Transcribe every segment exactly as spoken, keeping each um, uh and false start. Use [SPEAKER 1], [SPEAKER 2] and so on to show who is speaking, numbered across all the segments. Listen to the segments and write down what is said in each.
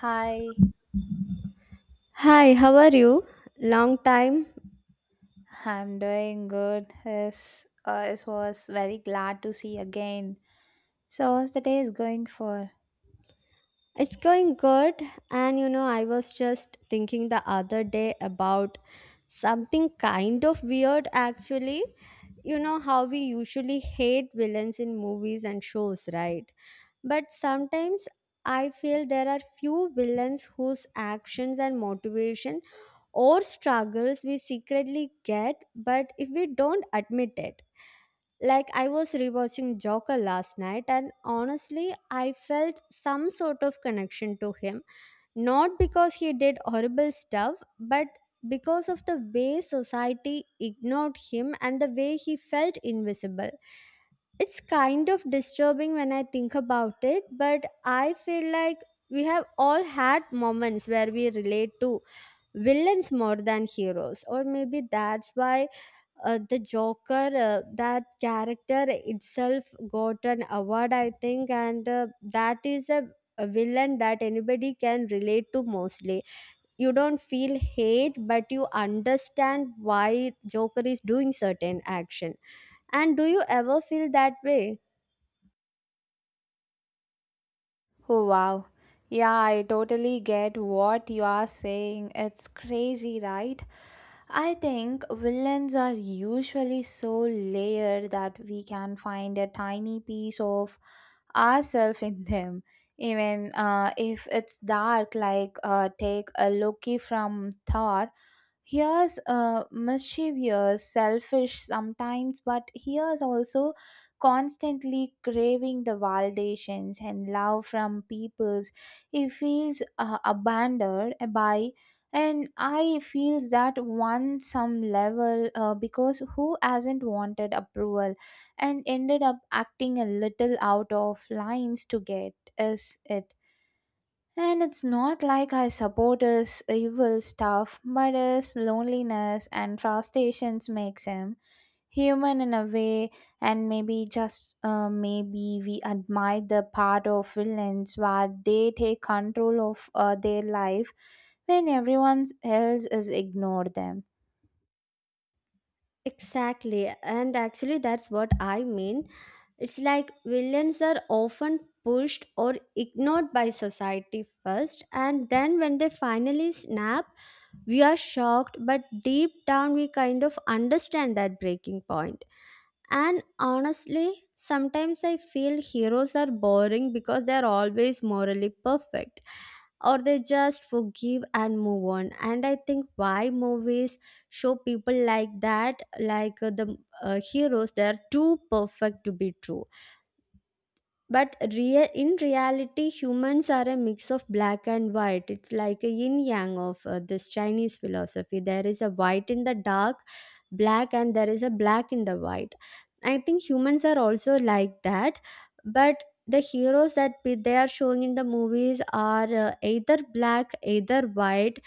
[SPEAKER 1] Hi,
[SPEAKER 2] Hi, how are you? Long time.
[SPEAKER 1] I'm doing good. Yes, uh, it was very glad to see again. So, how's the day is going for?
[SPEAKER 2] It's going good. And you know, I was just thinking the other day about something kind of weird actually. You know how we usually hate villains in movies and shows, right? But sometimes I feel there are few villains whose actions and motivation or struggles we secretly get, but if we don't admit it. Like I was rewatching Joker last night, and honestly I felt some sort of connection to him, not because he did horrible stuff but because of the way society ignored him and the way he felt invisible. It's kind of disturbing when I think about it, but I feel like we have all had moments where we relate to villains more than heroes, or maybe that's why uh, the Joker, uh, that character itself got an award, I think, and uh, that is a, a villain that anybody can relate to mostly. You don't feel hate, but you understand why Joker is doing certain action. And do you ever feel that way?
[SPEAKER 1] Oh, wow. Yeah, I totally get what you are saying. It's crazy, right? I think villains are usually so layered that we can find a tiny piece of ourselves in them. Even uh, if it's dark, like uh, take a Loki from Thor. Here's uh, mischievous, selfish sometimes, but here's also constantly craving the validations and love from peoples. He feels uh, abandoned by, and I feels that one some level uh, because who hasn't wanted approval and ended up acting a little out of lines to get is it, and it's not like I support his evil stuff, but his loneliness and frustrations makes him human in a way, and maybe just uh, maybe we admire the part of villains where they take control of uh, their life when everyone else is ignore them.
[SPEAKER 2] Exactly, and actually, that's what I mean. It's like villains are often pushed or ignored by society first, and then when they finally snap, we are shocked, but deep down, we kind of understand that breaking point. And honestly, sometimes I feel heroes are boring because they're always morally perfect, or they just forgive and move on. And I think why movies show people like that, like uh, the uh, heroes, they're too perfect to be true. But rea- in reality humans are a mix of black and white. It's like a yin yang of uh, this Chinese philosophy. There is a white in the dark black and there is a black in the white. I think humans are also like that. But the heroes that we- they are showing in the movies are uh, either black either white.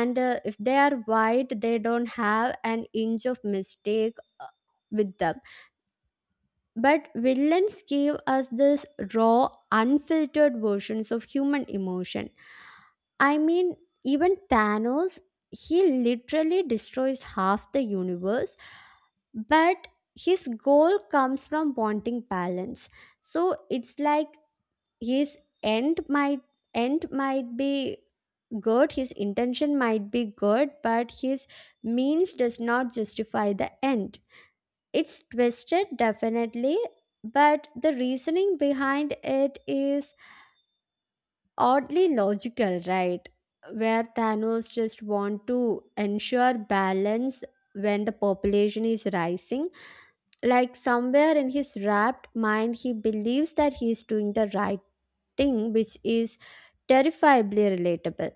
[SPEAKER 2] And uh, if they are white, they don't have an inch of mistake uh, with them. But villains gave us this raw, unfiltered versions of human emotion. I mean, even Thanos, he literally destroys half the universe, but his goal comes from wanting balance. So it's like his end might end might be good, his intention might be good, but his means does not justify the end. It's twisted, definitely, but the reasoning behind it is oddly logical, right? Where Thanos just want to ensure balance when the population is rising. Like somewhere in his rapt mind, he believes that he is doing the right thing, which is terrifiably relatable.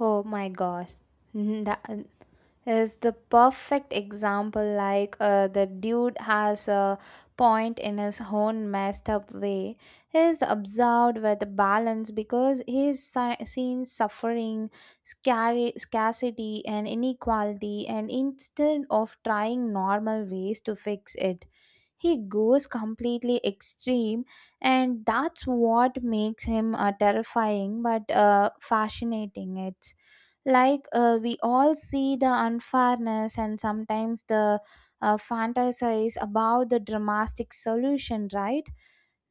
[SPEAKER 1] Oh my gosh, Mhm, that is the perfect example like uh, the dude has a point in his own messed up way. He is observed with balance because he is si- seen suffering, scary, scarcity and inequality, and instead of trying normal ways to fix it, he goes completely extreme, and that's what makes him uh, terrifying but uh, fascinating. It's like uh, we all see the unfairness and sometimes the uh, fantasize about the dramatic solution, right?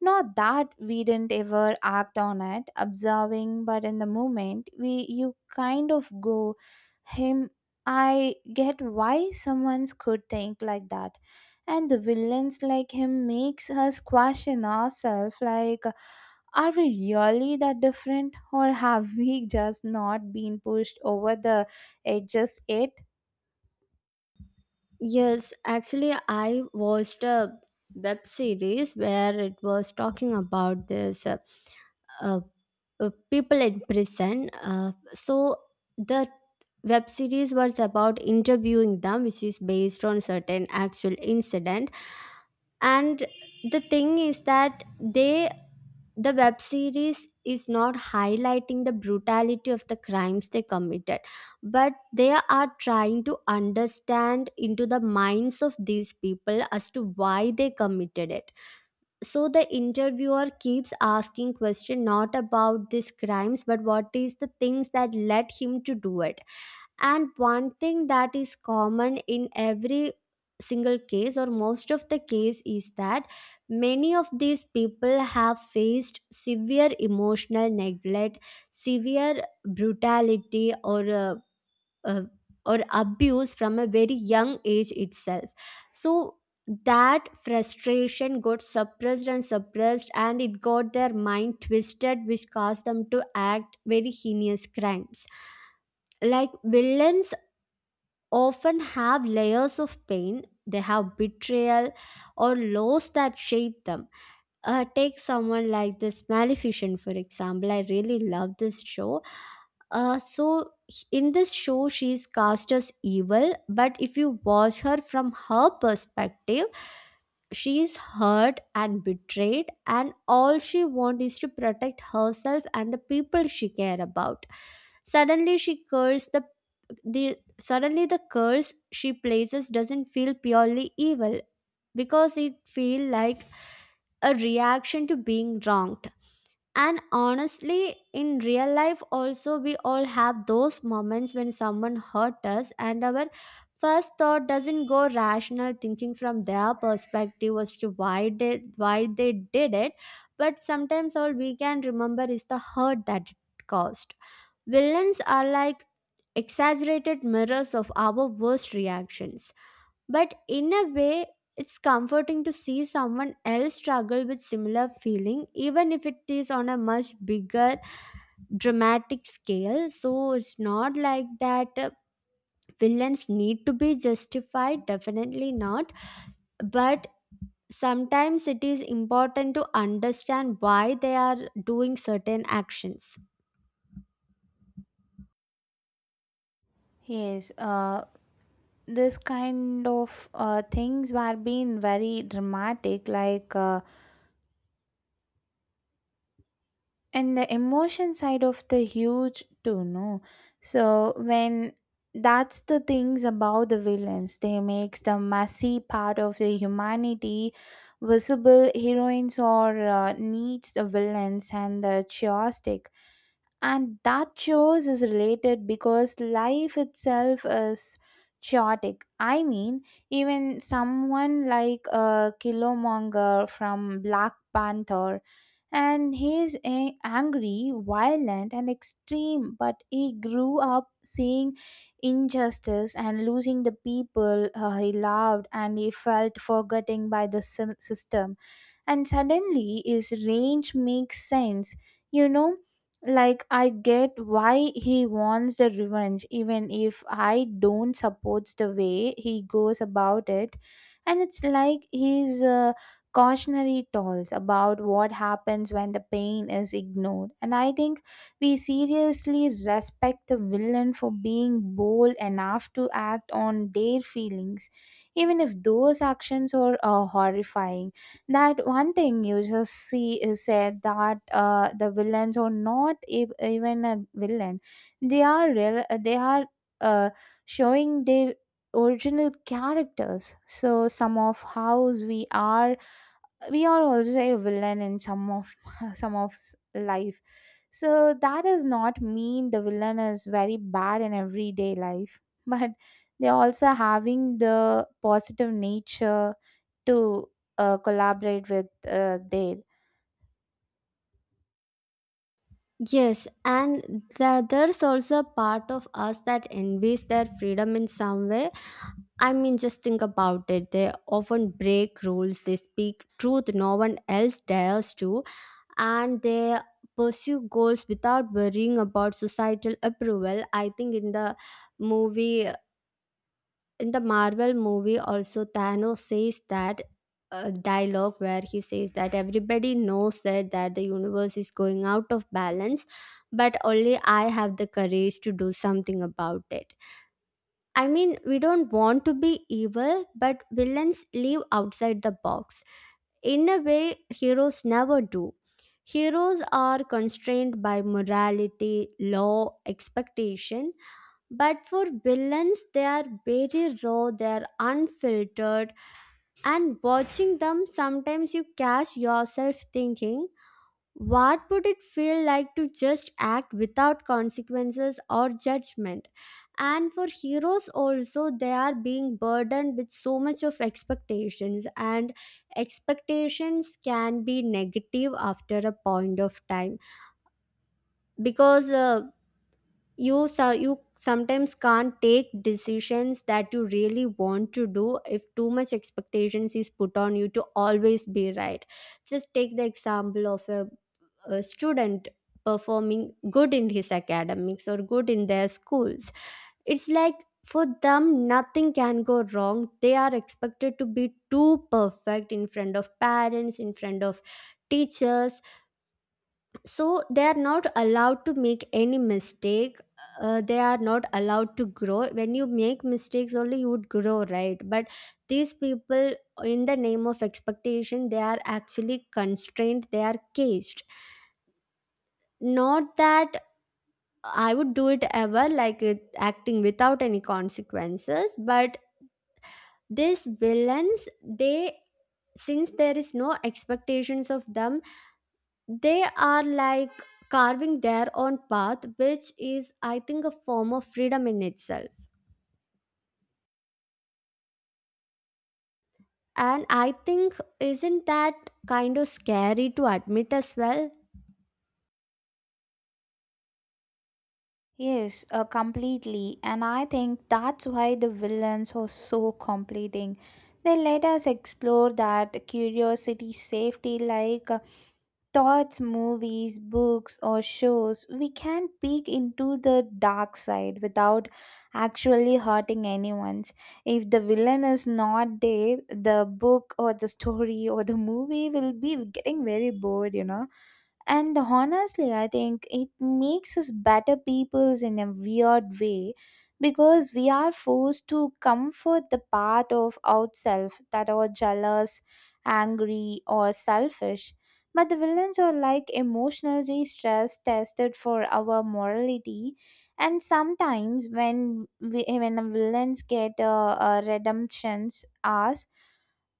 [SPEAKER 1] Not that we didn't ever act on it observing, but in the moment we you kind of go him. I get why someone could think like that, and the villains like him makes us question ourselves, like, are we really that different, or have we just not been pushed over the edges yet?
[SPEAKER 2] Yes, actually, I watched a web series where it was talking about this uh, uh, uh, people in prison. Uh, so the web series was about interviewing them, which is based on certain actual incident. And the thing is that they the web series is not highlighting the brutality of the crimes they committed, but they are trying to understand into the minds of these people as to why they committed it. So the interviewer keeps asking question not about these crimes but what is the things that led him to do it. And one thing that is common in every single case or most of the case is that many of these people have faced severe emotional neglect, severe brutality, or uh, uh, or abuse from a very young age itself. So that frustration got suppressed and suppressed and it got their mind twisted, which caused them to act very heinous crimes, like villains often have layers of pain. They have betrayal or loss that shape them. Uh, take someone like this Maleficent, for example. I really love this show. Uh, so, in this show, she is cast as evil, but if you watch her from her perspective, she is hurt and betrayed and all she wants is to protect herself and the people she care about. Suddenly she curses the the suddenly The curse she places doesn't feel purely evil, because it feel like a reaction to being wronged. And honestly, in real life, also, we all have those moments when someone hurt us, and our first thought doesn't go rational thinking from their perspective as to why they why they did it. But sometimes all we can remember is the hurt that it caused. Villains are like exaggerated mirrors of our worst reactions. But in a way, it's comforting to see someone else struggle with similar feeling, even if it is on a much bigger dramatic scale. So it's not like that uh, villains need to be justified, definitely not. But sometimes it is important to understand why they are doing certain actions.
[SPEAKER 1] Yes, uh, this kind of uh, things were being very dramatic, like, uh, and the emotion side of the huge too no. So when that's the things about the villains, they makes the messy part of the humanity visible. Heroines or uh, needs the villains and the chaotic, and that shows is related because life itself is chaotic. I mean, even someone like a uh, killmonger from Black Panther, and he is a- angry, violent, and extreme. But he grew up seeing injustice and losing the people uh, he loved, and he felt forgetting by the sym- system, and suddenly his range makes sense, you know. Like, I get why he wants the revenge, even if I don't support the way he goes about it, and it's like his uh, cautionary tales about what happens when the pain is ignored. And I think we seriously respect the villain for being bold enough to act on their feelings, even if those actions are uh, horrifying. That one thing you just see is said that uh, the villains are not e- even a villain, they are real, they are uh, showing their original characters. So some of hows we are, we are also a villain in some of some of s- life. So that does not mean the villain is very bad in everyday life, but they also having the positive nature to uh, collaborate with uh, there.
[SPEAKER 2] Yes, and the, there's also a part of us that envies their freedom in some way. I mean, just think about it. They often break rules, they speak truth no one else dares to, and they pursue goals without worrying about societal approval. I think in the movie, in the Marvel movie, also Thanos says that. uh dialogue where he says that everybody knows that, that the universe is going out of balance but only I have the courage to do something about it. I mean, we don't want to be evil, but villains live outside the box. In a way, heroes never do. Heroes are constrained by morality, law, expectation, but for villains, they are very raw, they are unfiltered, and watching them, sometimes you catch yourself thinking, what would it feel like to just act without consequences or judgment? And for heroes, also, they are being burdened with so much of expectations, and expectations can be negative after a point of time, because uh, you so you sometimes can't take decisions that you really want to do if too much expectations is put on you to always be right. Just take the example of a a student performing good in his academics or good in their schools. It's like for them nothing can go wrong, they are expected to be too perfect in front of parents, in front of teachers, so they are not allowed to make any mistake. Uh, they are not allowed to grow. When you make mistakes only you would grow, right? But these people, in the name of expectation, they are actually constrained, they are caged. Not that I would do it ever, like it, acting without any consequences. But these villains, they since there is no expectations of them, they are like carving their own path, which is, I think, a form of freedom in itself. And I think, isn't that kind of scary to admit as well?
[SPEAKER 1] Yes, uh, completely. And I think that's why the villains are so completing. They let us explore that curiosity, safety, like, uh, thoughts, movies, books, or shows. We can peek into the dark side without actually hurting anyone's. If the villain is not there, the book or the story or the movie will be getting very bored, you know. And honestly, I think it makes us better peoples in a weird way because we are forced to comfort the part of ourselves that are jealous, angry, or selfish. But the villains are like emotionally stress tested for our morality, and sometimes when we, when the villains get uh, uh, redemptions, us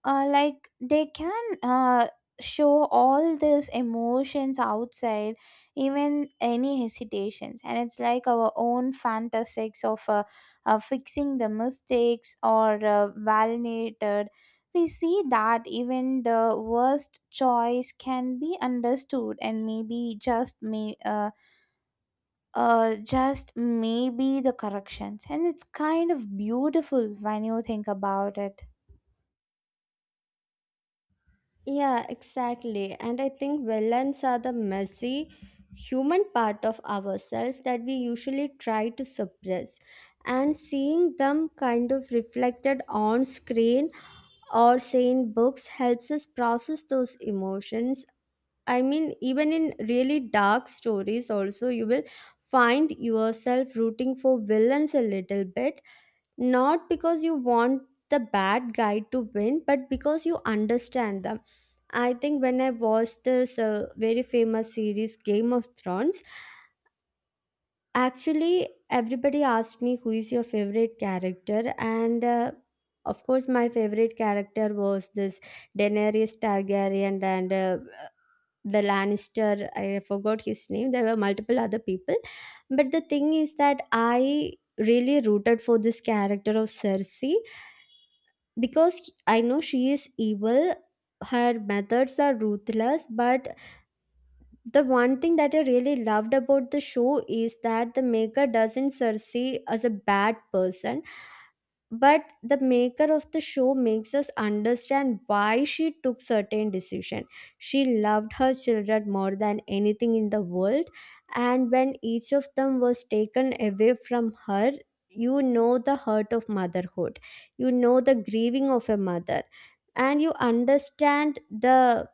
[SPEAKER 1] uh, like they can uh, show all these emotions outside even any hesitations, and it's like our own fantasies of uh, uh, fixing the mistakes or uh, validated. We see that even the worst choice can be understood, and maybe just may uh, uh, just maybe the corrections, and it's kind of beautiful when you think about it.
[SPEAKER 2] Yeah, exactly. And I think villains are the messy human part of ourselves that we usually try to suppress. And seeing them kind of reflected on screen or say in books helps us process those emotions. I mean, even in really dark stories, also, you will find yourself rooting for villains a little bit, not because you want the bad guy to win, but because you understand them. I think when I watched this uh, very famous series, Game of Thrones, actually, everybody asked me who is your favorite character, and uh, of course, my favorite character was this Daenerys Targaryen and uh, the Lannister. I forgot his name. There were multiple other people, but the thing is that I really rooted for this character of Cersei, because I know she is evil. Her methods are ruthless, but the one thing that I really loved about the show is that the maker doesn't see as a bad person, but the maker of the show makes us understand why she took certain decision. She loved her children more than anything in the world, and when each of them was taken away from her, you know the hurt of motherhood, you know the grieving of a mother, and you understand the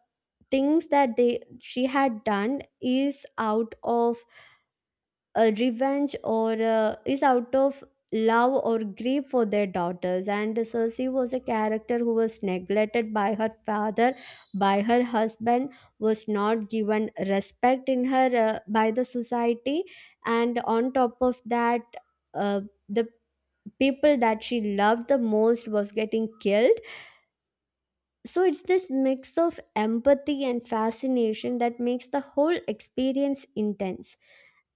[SPEAKER 2] things that they she had done is out of a revenge or uh, is out of love or grief for their daughters. And Cersei was a character who was neglected by her father, by her husband, was not given respect in her uh, by the society. And on top of that, uh, the people that she loved the most was getting killed. So it's this mix of empathy and fascination that makes the whole experience intense.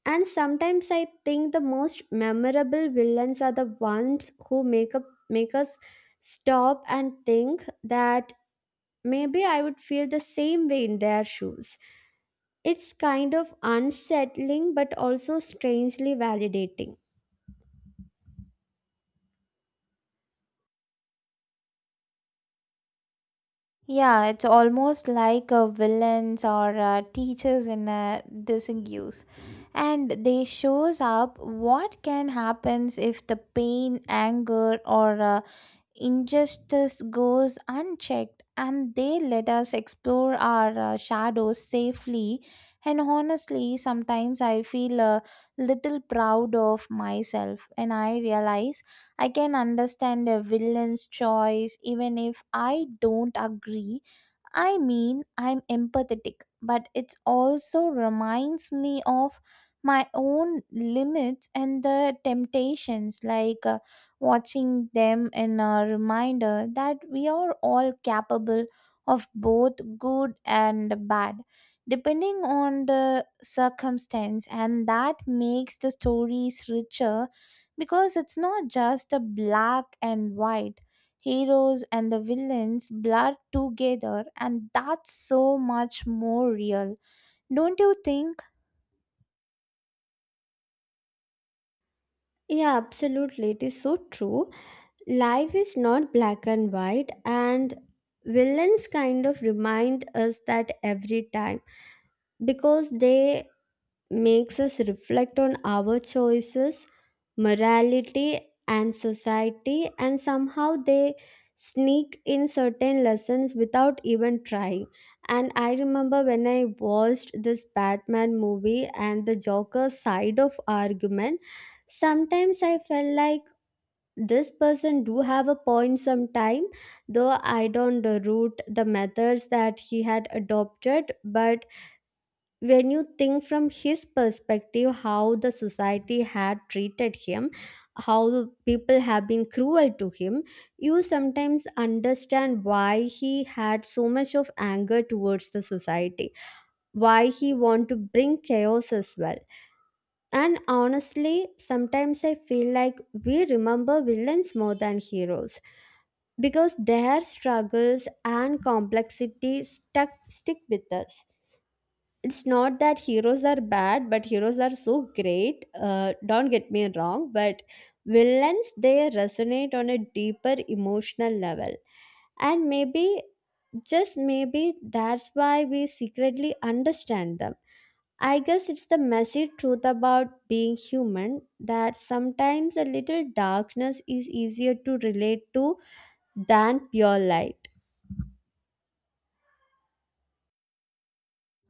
[SPEAKER 2] And sometimes I think the most memorable villains are the ones who make up make us stop and think that maybe I would feel the same way in their shoes. It's kind of unsettling but also strangely validating.
[SPEAKER 1] Yeah, it's almost like a villains or uh, teachers in uh, disguise, and they shows up what can happens if the pain, anger, or uh, injustice goes unchecked, and they let us explore our uh, shadows safely. And honestly, sometimes I feel a little proud of myself, and I realize I can understand a villain's choice even if I don't agree. I mean, I'm empathetic, but it also reminds me of my own limits and the temptations, like, uh, watching them in a reminder that we are all capable of both good and bad, depending on the circumstance, and that makes the stories richer because it's not just a black and white. Heroes and the villains blur together, and that's so much more real, don't you think?
[SPEAKER 2] Yeah, absolutely. It is so true. Life is not black and white, and villains kind of remind us that every time because they makes us reflect on our choices, morality, and society, and somehow they sneak in certain lessons without even trying. And I remember when I watched this Batman movie and the Joker side of argument, sometimes I felt like this person do have a point sometime. Though I don't root the methods that he had adopted, but when you think from his perspective how the society had treated him, how people have been cruel to him, you sometimes understand why he had so much of anger towards the society, why he want to bring chaos as well. And honestly, sometimes I feel like we remember villains more than heroes because their struggles and complexity stuck stick with us. It's not that heroes are bad, but heroes are so great, uh, don't get me wrong, but villains, they resonate on a deeper emotional level. And maybe, just maybe, that's why we secretly understand them. I guess it's the messy truth about being human, that sometimes a little darkness is easier to relate to than pure light.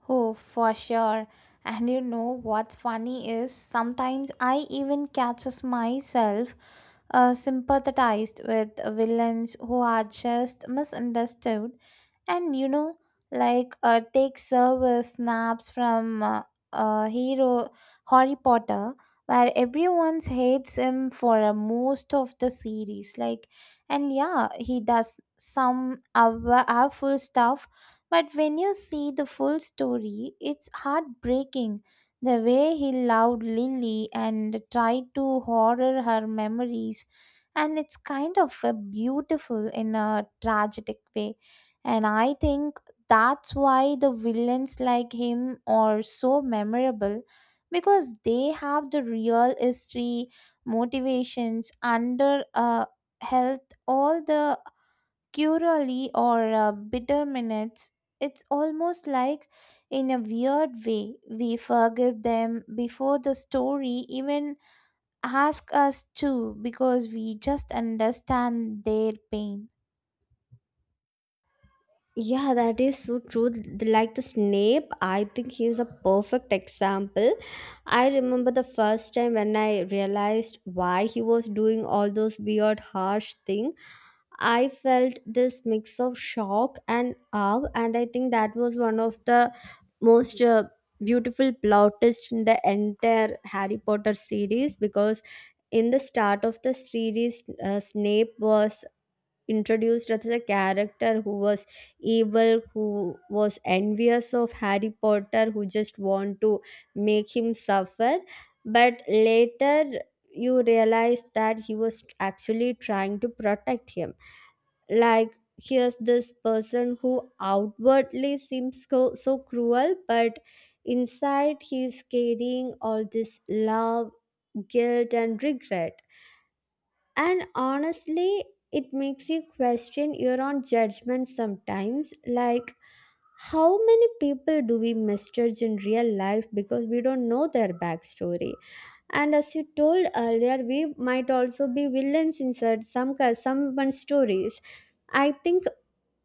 [SPEAKER 1] Oh, for sure. And you know what's funny is sometimes I even catches myself uh, sympathized with villains who are just misunderstood. And you know, like uh, take service snaps from uh, uh, hero Harry Potter, where everyone hates him for uh, most of the series, like, and yeah, he does some awful stuff, but when you see the full story, it's heartbreaking. The way he loved Lily and tried to horror her memories, and it's kind of uh, beautiful in a tragic way. And I think that's why the villains like him are so memorable, because they have the real history, motivations under uh, health, all the curally or uh, bitter minutes, it's almost like, in a weird way, we forget them before the story even asks us to because we just understand their pain.
[SPEAKER 2] Yeah, that is so true. The- Like the Snape, I think he is a perfect example. I remember the first time when I realized why he was doing all those weird, harsh thing. I felt this mix of shock and awe, and I think that was one of the most uh, beautiful plot twist in the entire Harry Potter series because in the start of the series, uh, Snape was introduced as a character who was evil, who was envious of Harry Potter, who just want to make him suffer. But later you realize that he was actually trying to protect him. Like here's this person who outwardly seems so, so cruel, but inside he's carrying all this love, guilt, and regret. And honestly, it makes you question your own judgment sometimes. Like, how many people do we misjudge in real life because we don't know their backstory? And as you told earlier, we might also be villains inside some ca- someone's stories. I think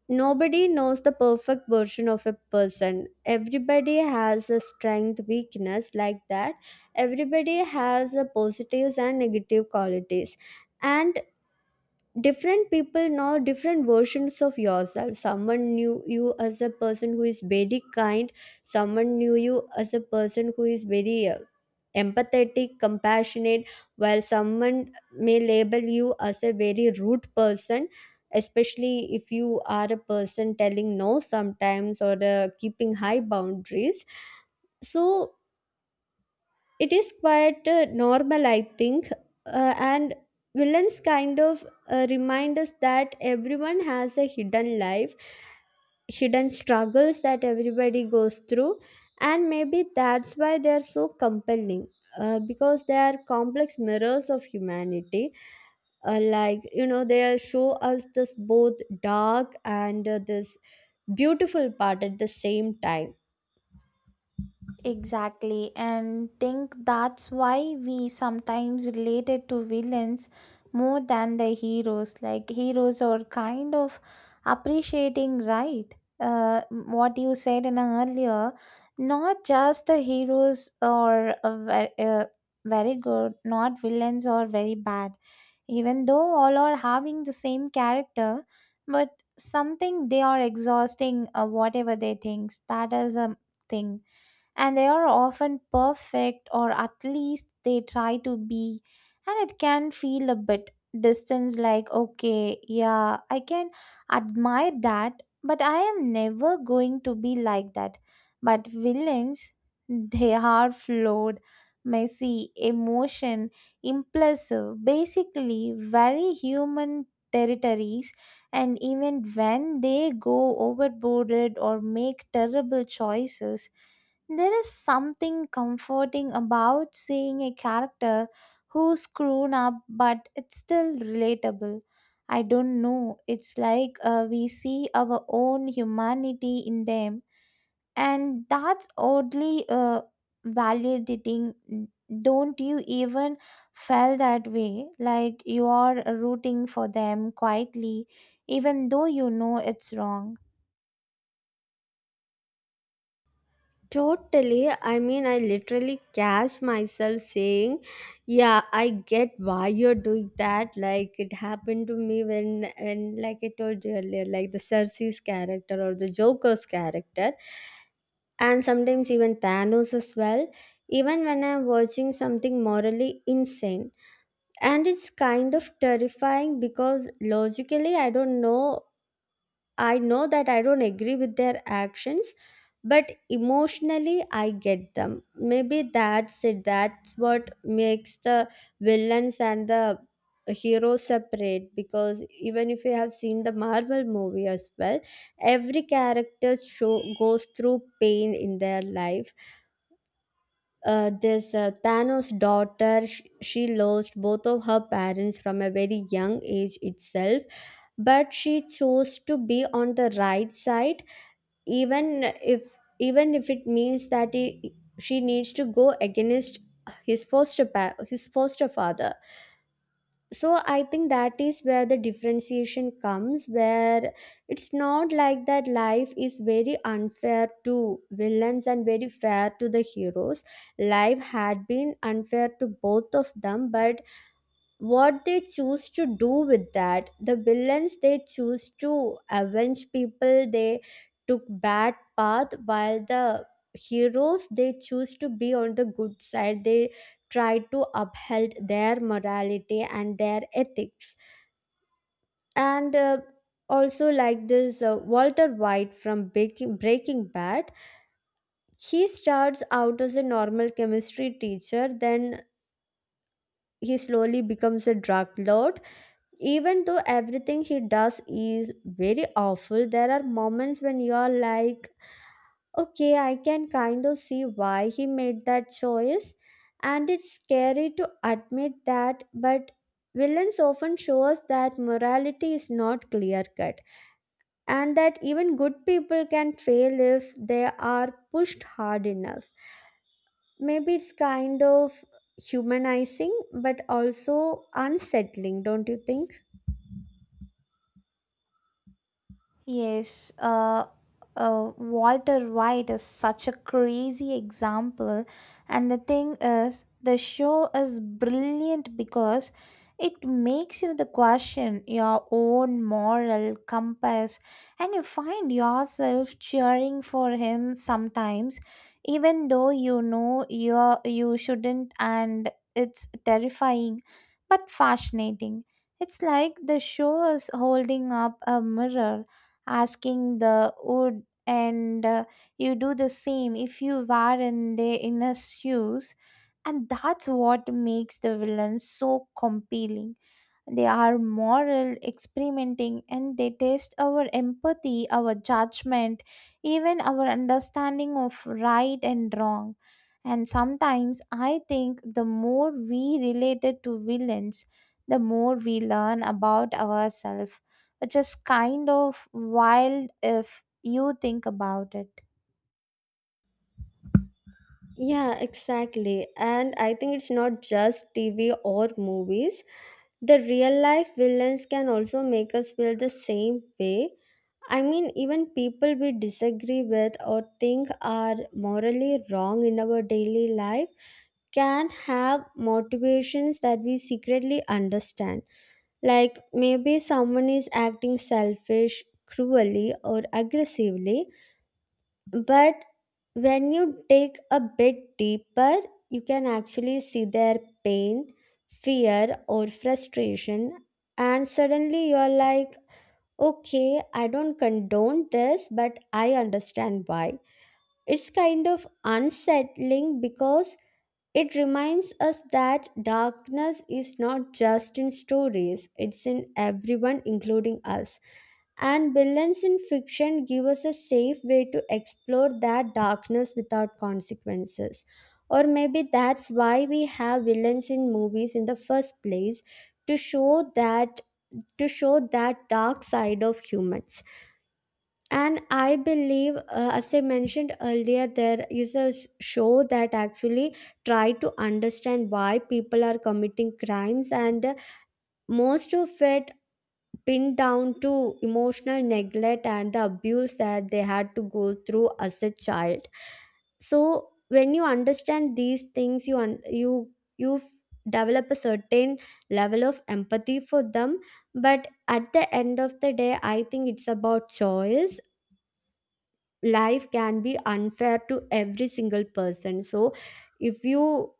[SPEAKER 2] nobody knows the perfect version of a person. Everybody has a strength, weakness like that. Everybody has a positives and negative qualities. And different people know different versions of yourself. Someone knew you as a person who is very kind, someone knew you as a person who is very uh, empathetic, compassionate, while someone may label you as a very rude person, especially if you are a person telling no sometimes, or uh, keeping high boundaries. So it is quite uh, normal, I think. Uh, and villains kind of uh, remind us that everyone has a hidden life, hidden struggles that everybody goes through. And maybe that's why they are so compelling, uh, because they are complex mirrors of humanity. Uh, like you know, they show us this both dark and, uh, this beautiful part at the same time.
[SPEAKER 1] Exactly, and think that's why we sometimes relate it to villains more than the heroes. Like heroes are kind of appreciating, right? Uh, what you said in a earlier, not just the heroes are uh, ve- uh, very good, not villains are very bad. Even though all are having the same character, but something they are exhausting uh, whatever they think. That is a thing, and they are often perfect or at least they try to be, and it can feel a bit distance, like, okay, yeah, I can admire that, but I am never going to be like that. But villains, they are flawed, messy emotion, impulsive, basically very human territories. And even when they go overboard or make terrible choices, there is something comforting about seeing a character who's grown up but it's still relatable. I don't know, it's like uh, we see our own humanity in them, and that's oddly uh, validating. Don't you even feel that way? Like you are rooting for them quietly, even though you know it's wrong.
[SPEAKER 2] Totally. I mean, I literally catch myself saying, "Yeah, I get why you're doing that." Like it happened to me when, when like I told you earlier, like the Cersei's character or the Joker's character, and sometimes even Thanos as well. Even when I'm watching something morally insane, and it's kind of terrifying because logically I don't know I know that I don't agree with their actions, but emotionally I get them. Maybe that's it. That's what makes the villains and the heroes separate, because even if you have seen the Marvel movie as well, every character show goes through pain in their life. Uh, this uh, Thanos' daughter, sh- she lost both of her parents from a very young age itself, but she chose to be on the right side, even if, even if it means that he, she needs to go against his foster pa- his foster father. So I think that is where the differentiation comes, where it's not like that life is very unfair to villains and very fair to the heroes. Life had been unfair to both of them, but what they choose to do with that, the villains, they choose to avenge people, they took bad path, while the heroes, they choose to be on the good side, they try to uphold their morality and their ethics. And uh, also like this uh, Walter White from breaking, breaking bad, he starts out as a normal chemistry teacher, then he slowly becomes a drug lord. Even though everything he does is very awful, there are moments when you're like, okay, I can kind of see why he made that choice. And it's scary to admit that, but villains often show us that morality is not clear cut, and that even good people can fail if they are pushed hard enough. Maybe it's kind of humanizing but also unsettling, don't you think?
[SPEAKER 1] Yes, uh, uh, Walter White is such a crazy example, and the thing is, the show is brilliant because it makes you the question your own moral compass, and you find yourself cheering for him sometimes, even though you know you you shouldn't, and it's terrifying, but fascinating. It's like the show is holding up a mirror asking the would and uh, you do the same if you were in their inner shoes, and that's what makes the villain so compelling. They are moral, experimenting, and they test our empathy, our judgment, even our understanding of right and wrong. And sometimes I think the more we related to villains, the more we learn about ourselves, which is kind of wild if you think about it.
[SPEAKER 2] Yeah, exactly. And I think it's not just T V or movies. The real life villains can also make us feel the same way. I mean, even people we disagree with or think are morally wrong in our daily life can have motivations that we secretly understand. Like maybe someone is acting selfish, cruelly, or aggressively, but when you dig a bit deeper, you can actually see their pain, fear, or frustration. And suddenly you're like, okay, I don't condone this, but I understand why. It's kind of unsettling because it reminds us that darkness is not just in stories, it's in everyone, including us. And villains in fiction give us a safe way to explore that darkness without consequences. Or maybe that's why we have villains in movies in the first place, to show that to show that dark side of humans. And I believe, uh, as I mentioned earlier, there is a s- show that actually try to understand why people are committing crimes, and uh, most of it pinned down to emotional neglect and the abuse that they had to go through as a child. So when you understand these things, you un- you you f- develop a certain level of empathy for them. But at the end of the day, I think it's about choice. Life can be unfair to every single person, so if you,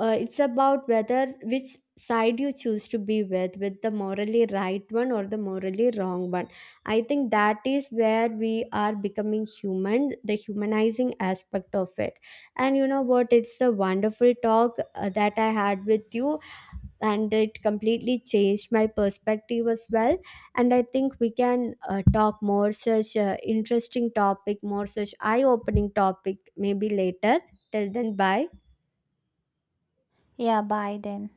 [SPEAKER 2] uh, it's about whether which side you choose to be with with the morally right one or the morally wrong one. I think that is where we are becoming human, the humanizing aspect of it. And you know what, it's a wonderful talk uh, that I had with you, and it completely changed my perspective as well. And I think we can uh, talk more such uh, interesting topic, more such eye opening topic maybe later. Till then, bye.
[SPEAKER 1] Yeah, bye then.